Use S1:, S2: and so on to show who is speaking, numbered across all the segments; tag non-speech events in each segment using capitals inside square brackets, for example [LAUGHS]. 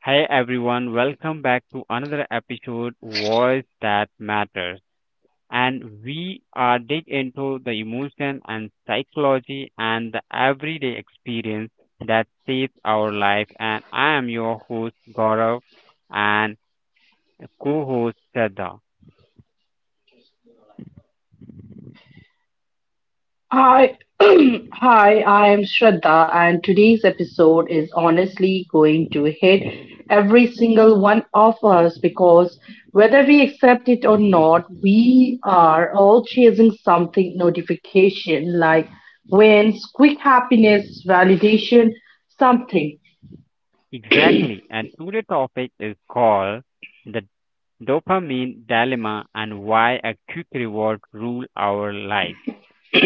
S1: Hey everyone, welcome back to another episode Voice That Matters. And we are dig into the emotion and psychology and the everyday experience that shapes our life. And I am your host Gaurav and co-host Shraddha.
S2: Hi, [CLEARS THROAT] hi, I am Shraddha, and today's episode is honestly going to hit every single one of us because whether we accept it or not, we are all chasing something notification like wins, quick happiness, validation, something.
S1: Exactly. And today's topic is called the dopamine dilemma and why a quick reward rule our life.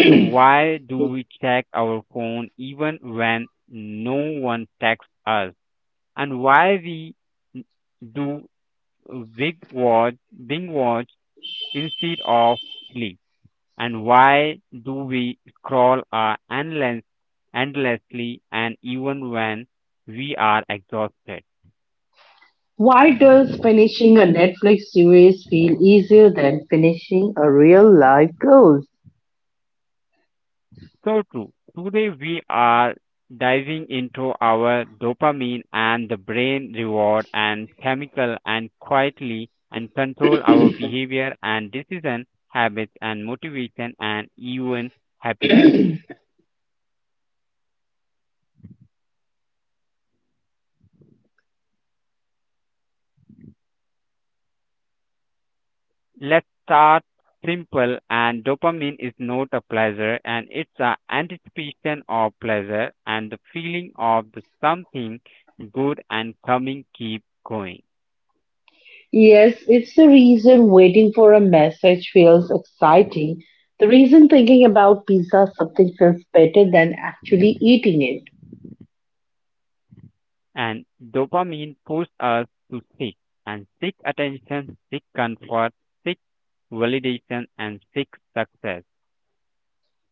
S1: So why do we check our phone even when no one texts us? And why we n- do big watch, big watch instead of sleep? And why do we scroll our endless, endlessly and even when we are exhausted?
S2: Why does finishing a Netflix series feel easier than finishing a real life goal?
S1: So true. Today we are diving into our dopamine and the brain reward and chemical and quietly and control our behavior and decision habits and motivation and even happiness. Let's start simple and dopamine is not a pleasure and it's an anticipation of pleasure and the feeling of the something good and coming keep going.
S2: Yes, it's the reason waiting for a message feels exciting, the reason thinking about pizza something feels better than actually eating it.
S1: And dopamine push us to seek and seek attention, seek comfort, seek validation, and seek success.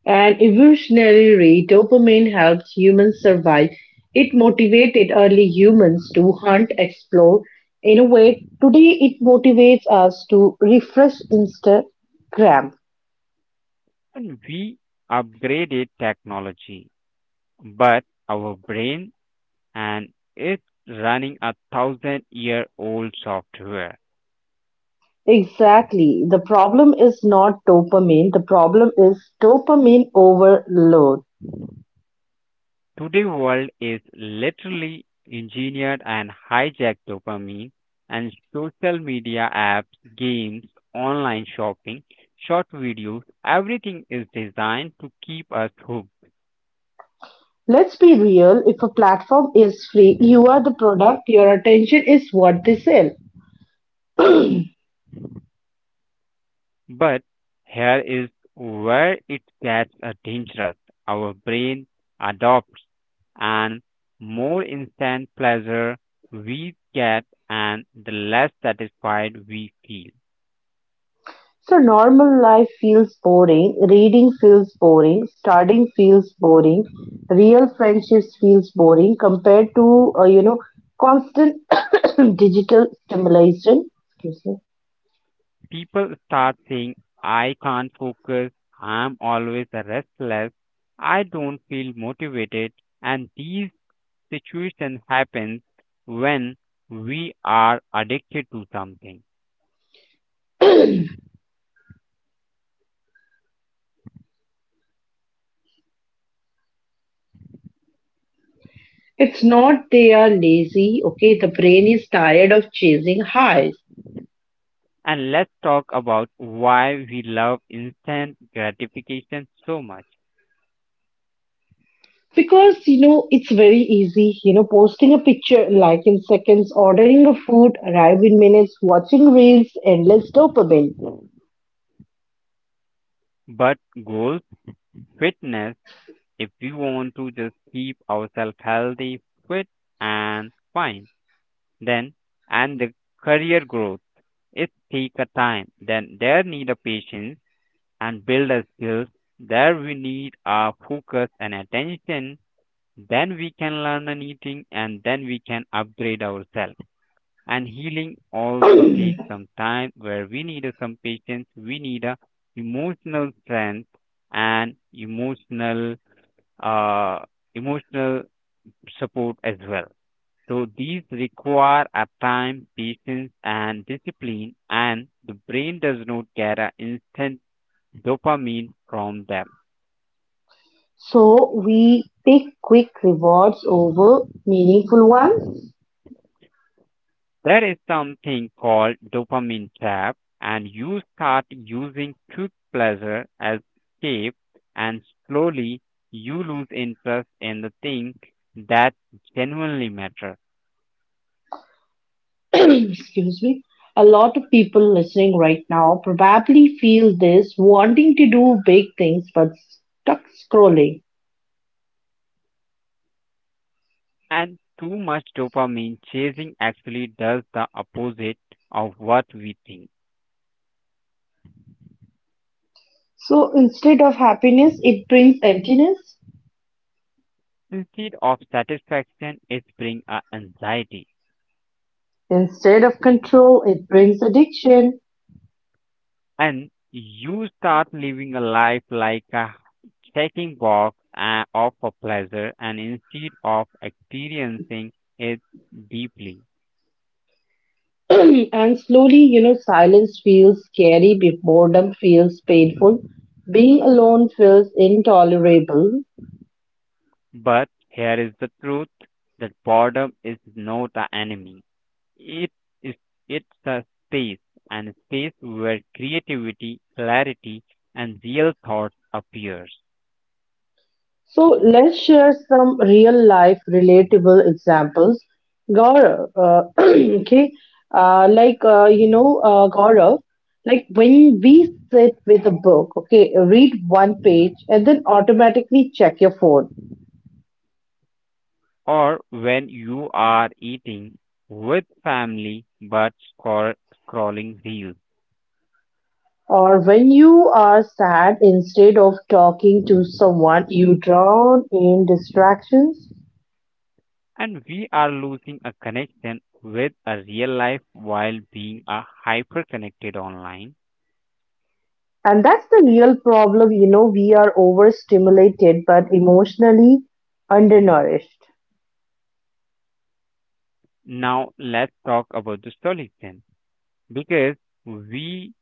S2: An evolutionary way, dopamine helps humans survive. It motivated early humans to hunt, explore. In a way, today it motivates us to refresh Instagram.
S1: And we upgraded technology, but our brain and it's running a thousand year old software.
S2: Exactly. The problem is not dopamine, the problem is dopamine overload.
S1: Today world is literally engineered and hijacked dopamine and social media apps, games, online shopping, short videos, everything is designed to keep us hooked.
S2: Let's be real, if a platform is free, you are the product, your attention is what they sell.
S1: But here is where it gets dangerous. Our brain adopts and more instant pleasure we get and the less satisfied we feel.
S2: So normal life feels boring, reading feels boring, studying feels boring, real friendships feels boring compared to, constant [COUGHS] digital stimulation. Excuse me.
S1: People start saying, I can't focus, I'm always restless, I don't feel motivated, and these situations happen when we are addicted to something.
S2: It's not they are lazy, okay? The brain is tired of chasing highs.
S1: And let's talk about why we love instant gratification so much.
S2: Because it's very easy, posting a picture, like in seconds, ordering a food, arrive in minutes, watching reels, endless dopamine.
S1: But goals, fitness, if we want to just keep ourselves healthy, fit, and fine then and the career growth. It take a time. Then there need a patience and build a skills. There we need a focus and attention. Then we can learn anything and then we can upgrade ourselves. And healing also takes some time where we need a some patience, we need a emotional strength and emotional uh, emotional support as well. So these require a time, patience, and discipline, and the brain does not get an instant dopamine from them.
S2: So we take quick rewards over meaningful ones.
S1: There is something called dopamine trap, and you start using quick pleasure as escape, and slowly you lose interest in the thing that genuinely matter.
S2: [CLEARS THROAT] Excuse me. A lot of people listening right now probably feel this, wanting to do big things but stuck scrolling.
S1: And too much dopamine chasing actually does the opposite of what we think.
S2: So instead of happiness, it brings emptiness.
S1: Instead of satisfaction it brings a anxiety.
S2: Instead of control, it brings addiction.
S1: And you start living a life like a checking box of a pleasure and instead of experiencing it deeply.
S2: [CLEARS THROAT] And slowly, silence feels scary, boredom feels painful, being alone feels intolerable.
S1: But here is the truth that boredom is not an enemy, it is, it's a space and space where creativity clarity and real thoughts appears.
S2: So let's share some real life relatable examples. Gaurav, [CLEARS THROAT] okay, like, Gaurav, like when we sit with a book, okay, read one page and then automatically check your phone.
S1: Or when you are eating with family but scrolling reels.
S2: Or when you are sad, instead of talking to someone, you drown in distractions.
S1: And we are losing a connection with a real life while being a hyper connected online.
S2: And that's the real problem. We are overstimulated but emotionally undernourished.
S1: Now let's talk about the solution because we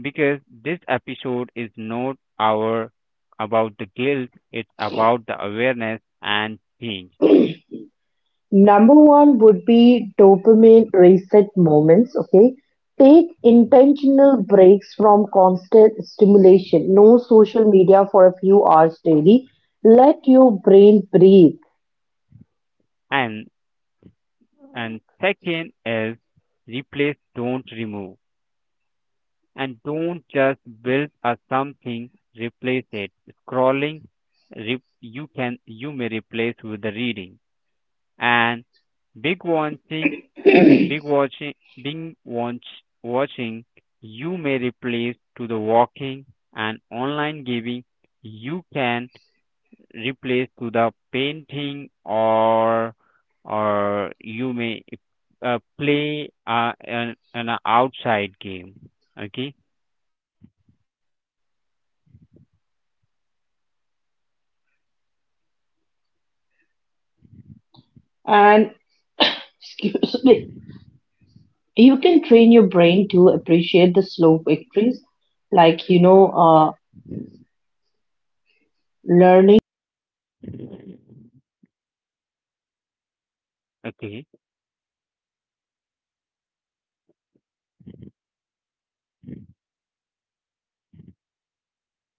S1: because this episode is not our about the guilt, it's about the awareness and change.
S2: Number one would be dopamine reset moments. Okay. Take intentional breaks from constant stimulation. No social media for a few hours daily. Let your brain breathe.
S1: And and second is replace don't remove and don't just build a something, replace it. Scrolling you can you may replace with the reading, and big watching big watching big watch, watching you may replace to the walking, and online giving you can replace to the painting, or you may play an outside game. Okay.
S2: And [LAUGHS] excuse me. You can train your brain to appreciate.
S1: Okay.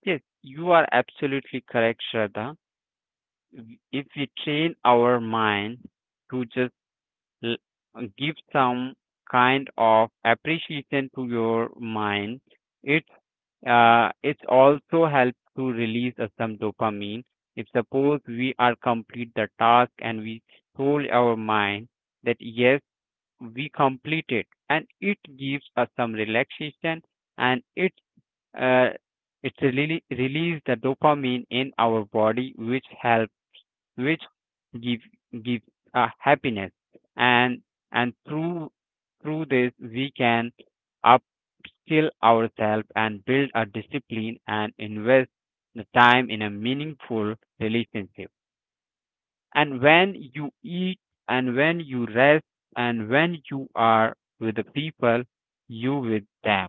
S1: Yes, you are absolutely correct, Shraddha. If we train our mind to just l- give some kind of appreciation to your mind, it's it's also helps to release some dopamine. If suppose we are complete the task and we told our mind that yes, we complete it, and it gives us some relaxation. And it uh, it really release the dopamine in our body which help, which give give happiness. and and through this we can upskill ourselves and build a discipline and invest the time in a meaningful relationship. And when you eat and when you rest and when you are with the people you with them,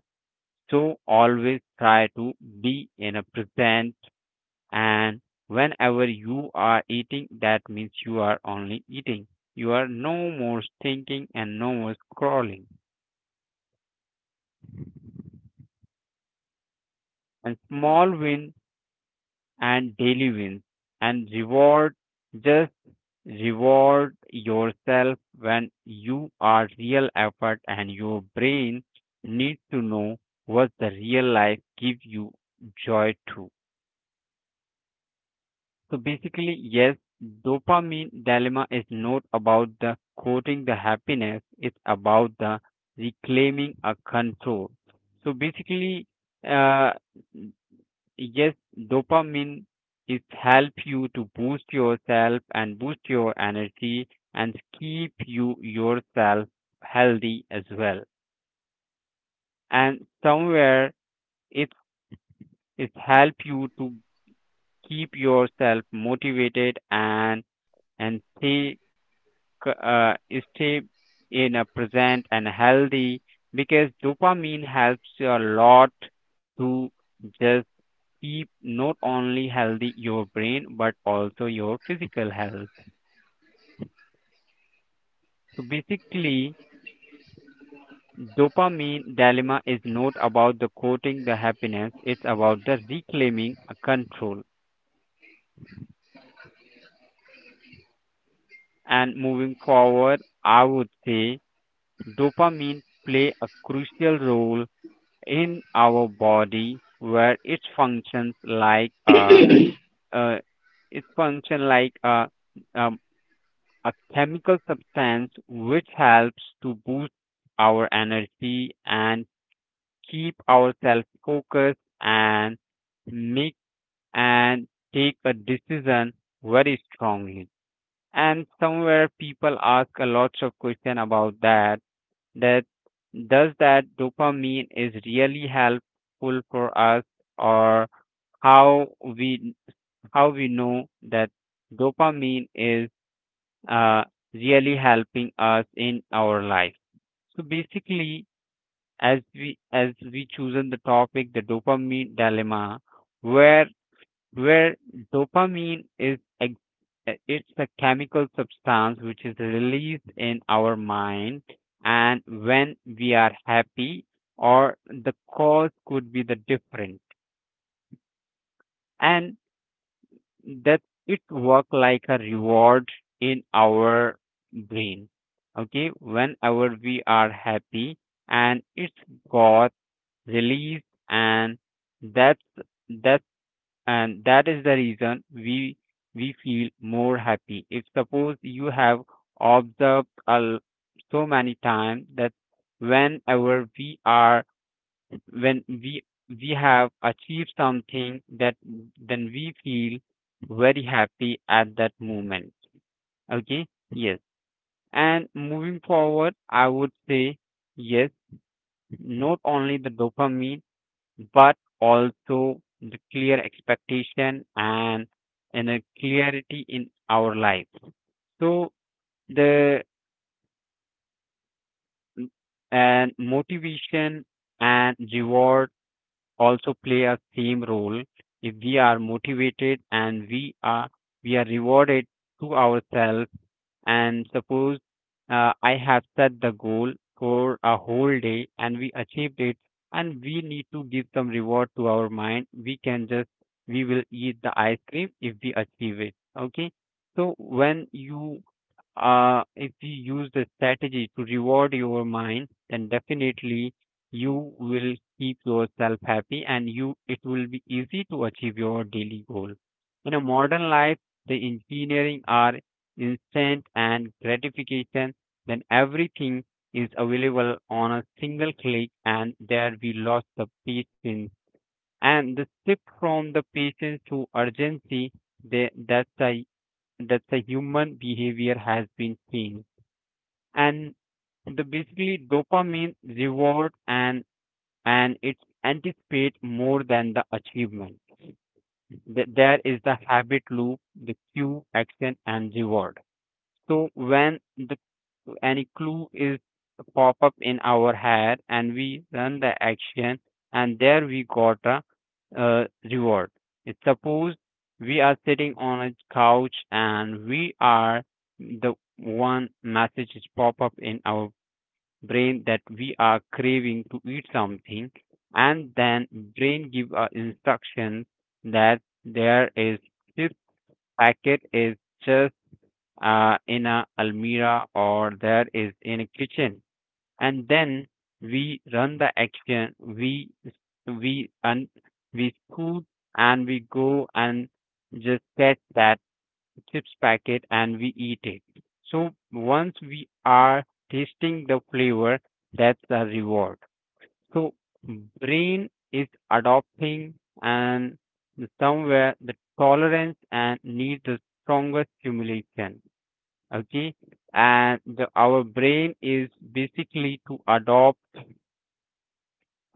S1: so always try to be in a present. And whenever you are eating that means you are only eating. You are no more thinking and no more scrolling. And small wins and daily wins and reward, just reward yourself when you are real effort and your brain needs to know what the real life gives you joy to. So basically, yes, dopamine dilemma is not about the quoting the happiness, it's about the reclaiming a control. So basically, uh, yes, dopamine is help you to boost yourself and boost your energy and keep you yourself healthy as well. And somewhere it help you to keep yourself motivated and stay c- uh, stay in a present and healthy, because dopamine helps you a lot to just keep not only healthy your brain but also your physical health. So basically, dopamine dilemma is not about the quoting the happiness, it's about the reclaiming a control. And moving forward, I would say dopamine play a crucial role in our body where it functions like a, uh, it function like um, a chemical substance which helps to boost our energy and keep ourselves focused and make and take a decision very strongly. And somewhere people ask a lot of question about that, that does that dopamine is really helpful for us, or how we know that dopamine is uh, really helping us in our life. So basically, as we chosen the topic the dopamine dilemma, where where dopamine is it's a chemical substance which is released in our mind. And when we are happy or the cause could be the different, and that it work like a reward in our brain. Okay, whenever we are happy and it's got released, and that's that is the reason we feel more happy. If suppose you have observed a so many times that whenever we are, when we have achieved something, that then we feel very happy at that moment. Okay, yes. And moving forward, I would say yes, not only the dopamine but also the clear expectation and a clarity in our life. So the and motivation and reward also play a same role. If we are motivated and we are rewarded to ourselves. And suppose I have set the goal for a whole day and we achieved it, and we need to give some reward to our mind. We can just, we will eat the ice cream if we achieve it. Okay. So when you if you use the strategy to reward your mind, then definitely you will keep yourself happy and you it will be easy to achieve your daily goal. In a modern life, the engineering are instant and gratification, then everything is available on a single click and there we lost the patience. And the shift from the patience to urgency, that's a human behavior has been changed. And the basically dopamine reward and it's anticipate more than the achievement. There is the habit loop, the cue action and reward. So when the any clue is pop up in our head and we run the action, and there we got a reward. It's suppose we are sitting on a couch and we are the one message is pop up in our brain that we are craving to eat something, and then brain give a instruction that there is this packet is just in a almirah or there is in a kitchen. And then we run the action, we and we scoot and we go and just catch that chips packet and we eat it. So once we are tasting the flavor, that's the reward. So brain is adopting and somewhere the tolerance and need the stronger stimulation. Okay, and the, our brain is basically to adopt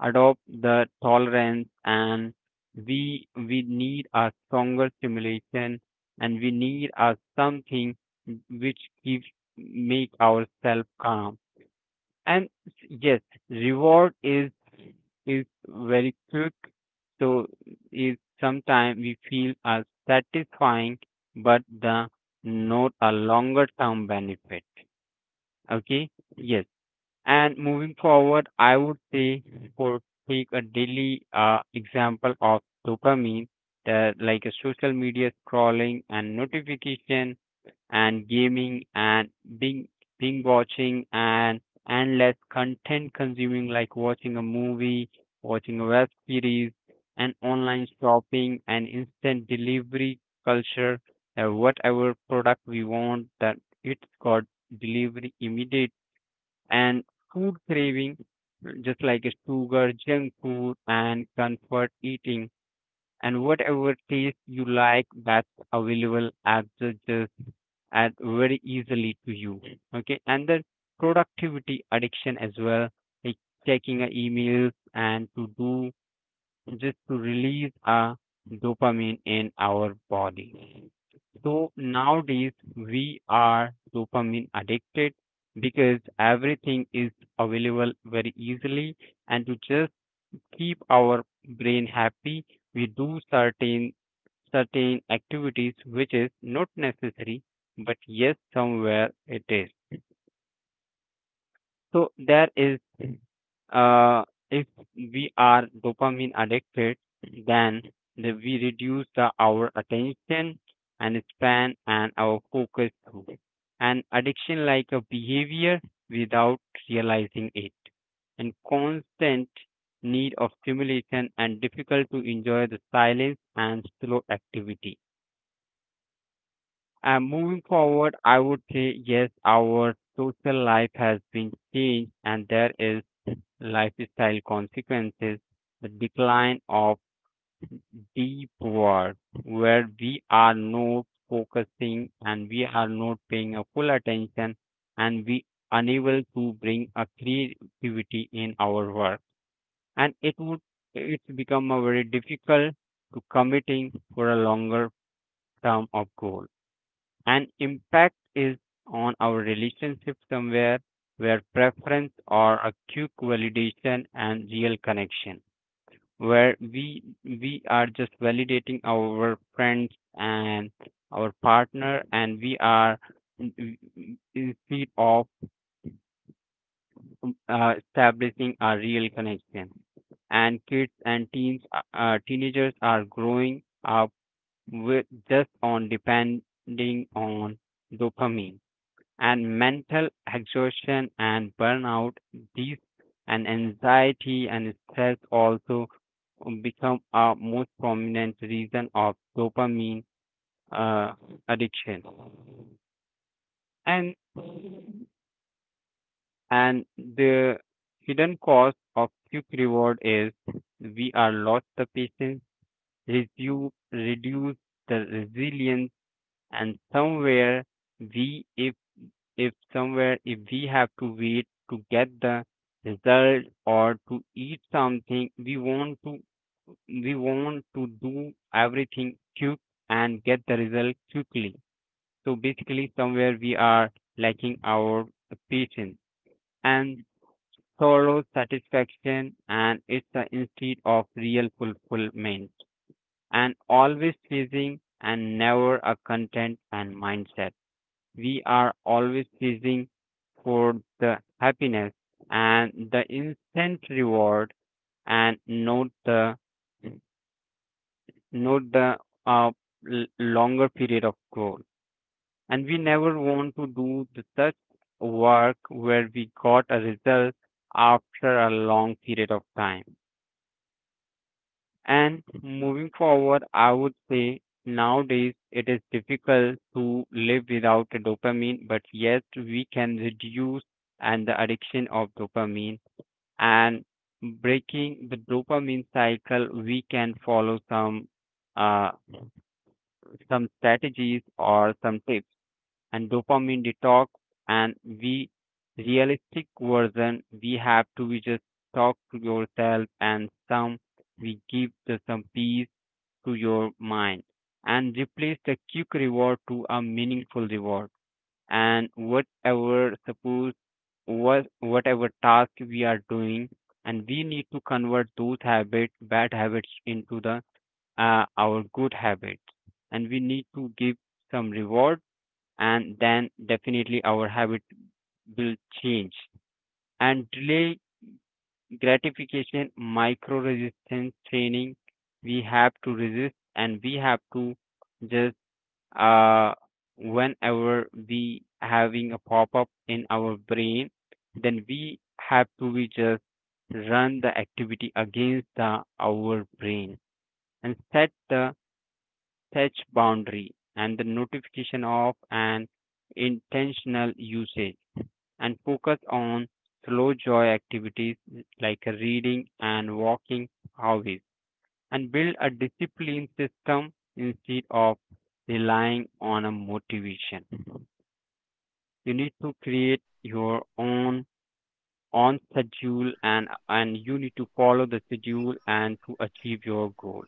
S1: the tolerance and we need a stronger stimulation and we need a something which keeps make ourselves calm. And yes, reward is is very quick, so is sometimes we feel as satisfying but the not a longer term benefit. Okay, yes. And moving forward, I would say for take a daily example of dopamine, that like a social media scrolling and notification and gaming and being being watching and endless content consuming like watching a movie, watching a web series, and online shopping and instant delivery culture, whatever product we want that it's got delivery immediately. And food craving, just like sugar, junk food, and comfort eating, and whatever taste you like that's available at the just at very easily to you. Okay, and then productivity addiction as well, like checking a email and to do just to release a dopamine in our body. So nowadays we are dopamine addicted because everything is available very easily and to just keep our brain happy we do certain activities which is not necessary, but yes, somewhere it is. So there is uh, if we are dopamine addicted, then we reduce our attention and span and our focus too. And addiction like a behavior without realizing it. And constant need of stimulation and difficult to enjoy the silence and slow activity. And moving forward, I would say yes, our social life has been changed and there is lifestyle consequences, the decline of deep work, where we are not focusing and we are not paying a full attention and we unable to bring a creativity in our work. And it would It's become a very difficult to committing for a longer term of goal. And impact is on our relationship somewhere where preference or a quick validation and real connection, where we are just validating our friends and our partner and we are instead of establishing a real connection. And kids and teens teenagers are growing up with just on depending on dopamine. And mental exhaustion and burnout, these, and anxiety and stress also become a most prominent reason of dopamine uh, addiction. And and the hidden cost of quick reward is we are lost the patience, reduce the resilience. And somewhere we, if somewhere if we have to wait to get the result or to eat something, we want to, we want to do everything quick and get the result quickly. So basically somewhere we are lacking our patience and thorough satisfaction, and it's the instead of real fulfillment, and always chasing and never a content and mindset. We are always chasing for the happiness and the instant reward and not the uh, l- longer period of goal, and we never want to do the such work where we got a result after a long period of time. And moving forward, I would say nowadays it is difficult to live without a dopamine, but yes, we can reduce and the addiction of dopamine. And breaking the dopamine cycle, we can follow uh, some strategies or some tips and dopamine detox. And we realistic version we have to, we just talk to yourself, and some we give the some peace to your mind and replace the quick reward to a meaningful reward. And whatever, suppose whatever task we are doing, and we need to convert those habits, bad habits, into the our good habits, and we need to give some reward, and then definitely our habit will change. And delay gratification, micro resistance training, we have to resist and we have to just uh, whenever we having a pop up in our brain, then we have to, we just run the activity against the our brain and set the touch boundary and the notification of an intentional usage and focus on slow joy activities like reading and walking, hobbies, and build a discipline system instead of relying on a motivation. You need to create your own on schedule, and you need to follow the schedule and to achieve your goal.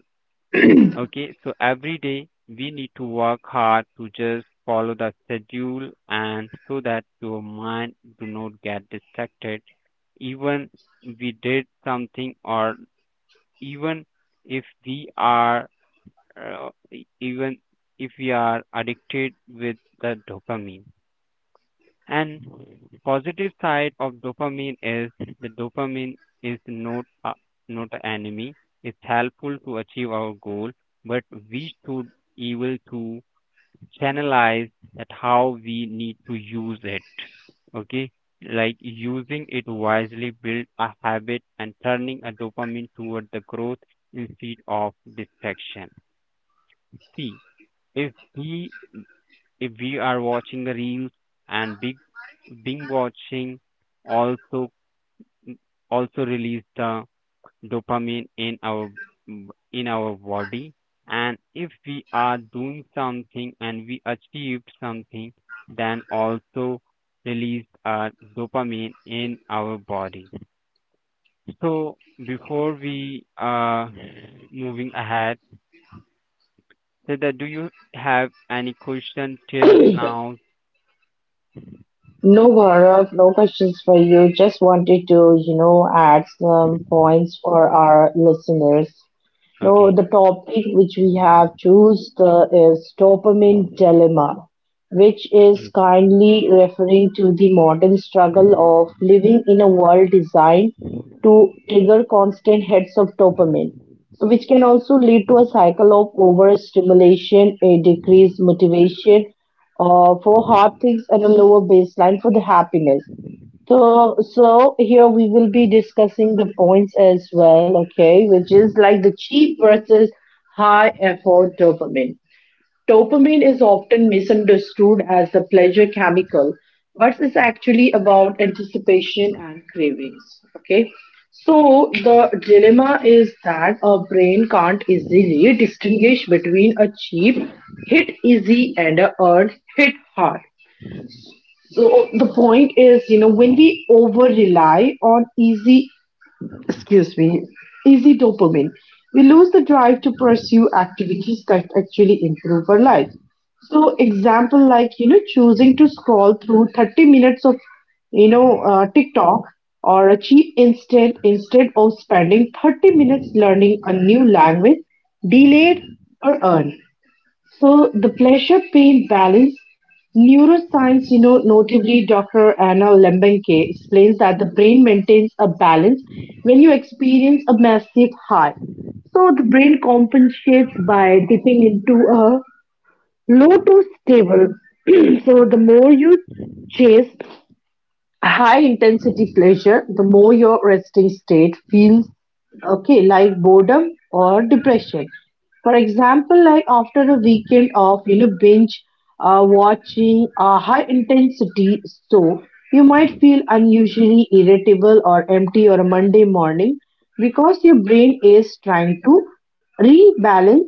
S1: Okay, so every day we need to work hard to just follow the schedule, and so that your mind do not get distracted, even we did something, or even if we are even if we are addicted with the dopamine. And positive side of dopamine is the dopamine is not a, not an enemy. It's helpful to achieve our goal, but we should able to channelize at how we need to use it. Okay, like using it wisely, build a habit, and turning a dopamine toward the growth instead of distraction. See, if we if we are watching the reels and big being watching also, also release the dopamine in our, in our body, and if we are doing something and we achieve something, then also release dopamine in our body. So before we moving ahead, so that do you have any question till
S2: [CLEARS THROAT]
S1: now?
S2: No, Gaurav, no questions for you. Just wanted to, add some points for our listeners. No,
S1: Okay.
S2: the topic which we have choose the is dopamine dilemma, which is
S1: Yes,
S2: kindly referring to the modern struggle of living in a world designed to trigger constant hits of dopamine, so which can also lead to a cycle of overstimulation, a decreased motivation for hard things, and a lower baseline for the happiness. So here we will be discussing the points as well, okay, which is like the cheap versus high effort dopamine. Dopamine is often misunderstood as a pleasure chemical, but it's actually about anticipation and cravings, okay. So the dilemma is that our brain can't easily distinguish between a cheap hit easy and a earned hit hard. So the point is, when we over rely on easy, excuse me, easy dopamine, we lose the drive to pursue activities that actually improve our life. So example like, choosing to scroll through 30 minutes of, TikTok or a cheap instant instead of spending 30 minutes learning a new language, delayed or earned. So the pleasure-pain balance, neuroscience, notably Dr. Anna Lembenke explains that the brain maintains a balance when you experience a massive high. So the brain compensates by dipping into a low to stable. [CLEARS THROAT] So the more you chase high-intensity pleasure, the more your resting state feels okay, like boredom or depression. For example, like after a weekend of binge watching a high-intensity show, you might feel unusually irritable or empty or a Monday morning because your brain is trying to rebalance,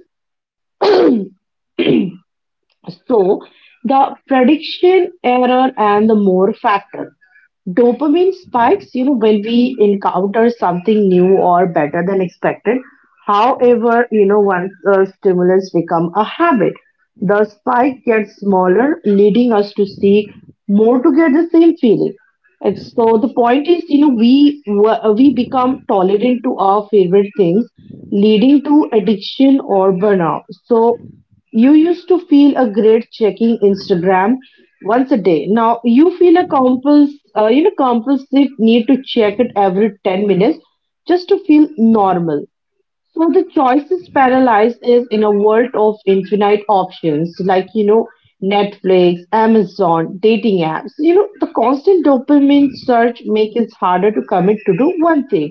S2: so the prediction error and the more factor. Dopamine spikes, when we encounter something new or better than expected. However, once the stimulus become a habit, the spike gets smaller, leading us to seek more to get the same feeling. And so the point is, we become tolerant to our favorite things, leading to addiction or burnout. So you used to feel a great checking Instagram once a day. Now you feel a compulsive need to check it every 10 minutes just to feel normal. So the choices paralyzed is in a world of infinite options, like Netflix, Amazon, dating apps. The constant dopamine search makes it harder to commit to do one thing.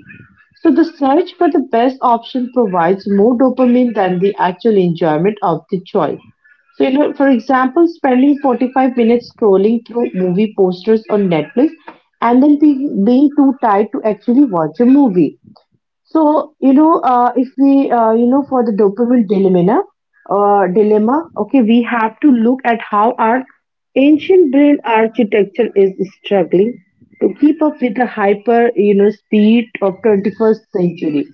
S2: So the search for the best option provides more dopamine than the actual enjoyment of the choice. So, you know, for example, spending 45 minutes scrolling through movie posters on Netflix and then being, being too tired to actually watch a movie. So, if we, for the dopamine dilemma, okay, we have to look at how our ancient brain architecture is struggling to keep up with the hyper, speed of 21st century.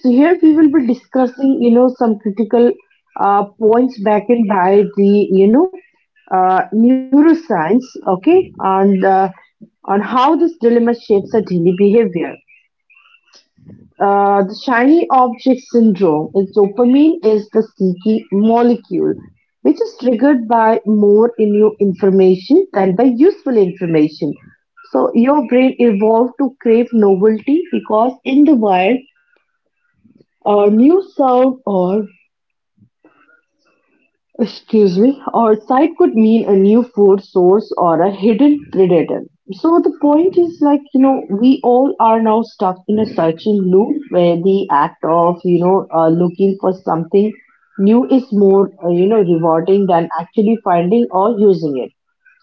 S2: So here we will be discussing, some critical points back in by the, neuroscience, okay, and on how this dilemma shapes our daily behavior. The shiny object syndrome is dopamine is the seeking molecule, which is triggered by more new information than by useful information. So your brain evolved to crave novelty because in the wild, new sound or excuse me, or site could mean a new food source or a hidden predator. So the point is like, we all are now stuck in a searching loop where the act of, looking for something new is more, rewarding than actually finding or using it.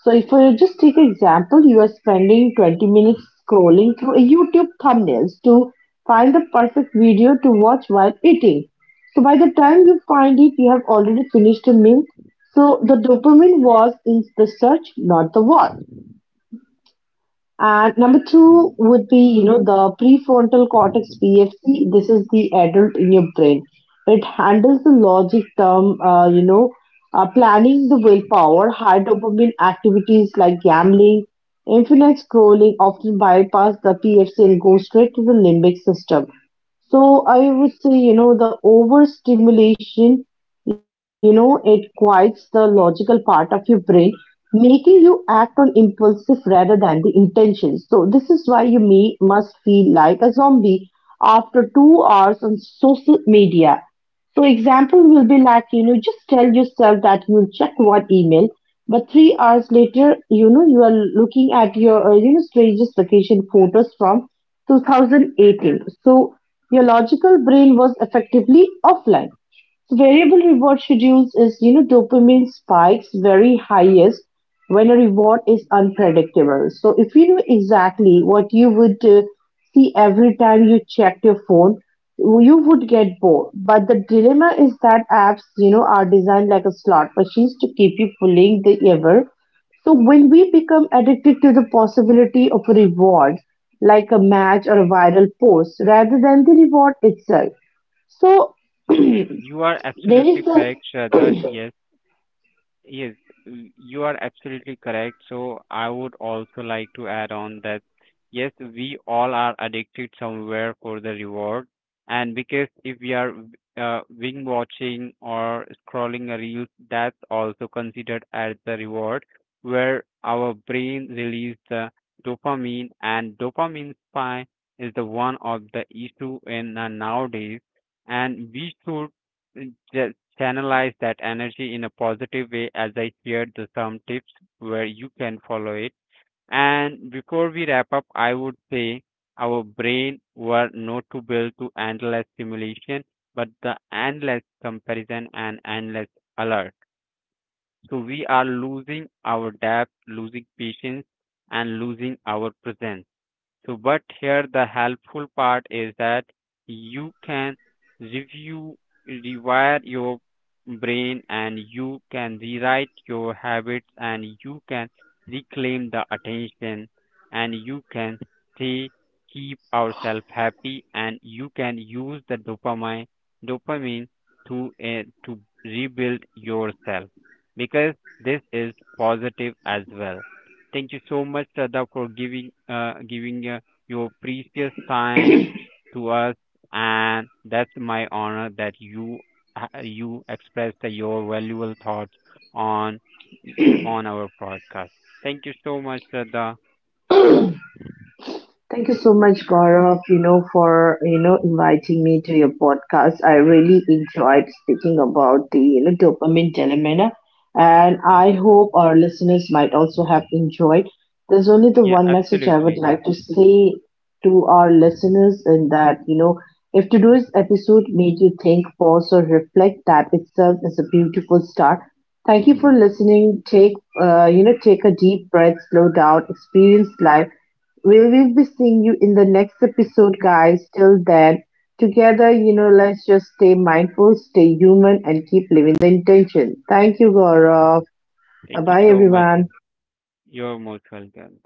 S2: So if I just take an example, you are spending 20 minutes scrolling through a YouTube thumbnails to find the perfect video to watch while eating. So by the time you find it, you have already finished the meal. So the dopamine was in the search, not the war. And number two would be, the prefrontal cortex PFC. This is the adult in your brain. It handles the logic term, planning the willpower, high dopamine activities like gambling, infinite scrolling often bypass the PFC and go straight to the limbic system. So I would say, the overstimulation, it quiets the logical part of your brain, making you act on impulsive rather than the intentions. So this is why you may must feel like a zombie after 2 hours on social media. So example will be like, just tell yourself that you'll check one email, but 3 hours later, you are looking at your, strangest vacation photos from 2018. So your logical brain was effectively offline. Variable reward schedules is dopamine spikes very highest when a reward is unpredictable. So if you know exactly what you would see every time you checked your phone, you would get bored. But the dilemma is that apps, are designed like a slot machines to keep you fooling the ever. So when we become addicted to the possibility of a reward, like a match or a viral post, rather than the reward itself. So
S1: yes,
S2: [CLEARS THROAT]
S1: you are
S2: there
S1: absolutely
S2: is a.
S1: correct, Shraddha. Yes, yes, y- you are absolutely correct. So I would also like to add on that yes, we all are addicted somewhere for the reward. And because if we are wing watching or scrolling a reel, that's also considered as the reward, where our brain releases the dopamine. And dopamine spike is the one of the issue in nowadays, and we should channelize that energy in a positive way, as I shared the some tips where you can follow it. And before we wrap up, I would say our brain were not to build to endless stimulation, but the endless comparison and endless alert. So we are losing our depth, losing patience, and losing our presence. So, but here the helpful part is that you can review, rewire your brain, and you can rewrite your habits, and you can reclaim the attention, and you can stay, keep ourselves happy, and you can use the dopamine to rebuild yourself, because this is positive as well. Thank you so much, Shraddha, for giving your precious time to us, and that's my honor that you you expressed your valuable thoughts on on our podcast. Thank you so much, Shraddha.
S2: Thank you so much, Gaurav, for, inviting me to your podcast. I really enjoyed speaking about the, dopamine dilemma. And I hope our listeners might also have enjoyed. There's only the
S1: Yeah,
S2: one message I
S1: absolutely.
S2: would
S1: Yeah.
S2: like to say to our listeners in that, if today's episode made you think, pause, or reflect, that itself is a beautiful start. Thank you for
S1: Thank
S2: listening. Take a deep breath, slow down, experience life. We will be seeing you in the next episode, guys. Till then, together, let's just stay mindful, stay human, and keep living the intention. Thank you, Gaurav. Bye
S1: you
S2: bye,
S1: so much.
S2: everyone.
S1: You're most welcome.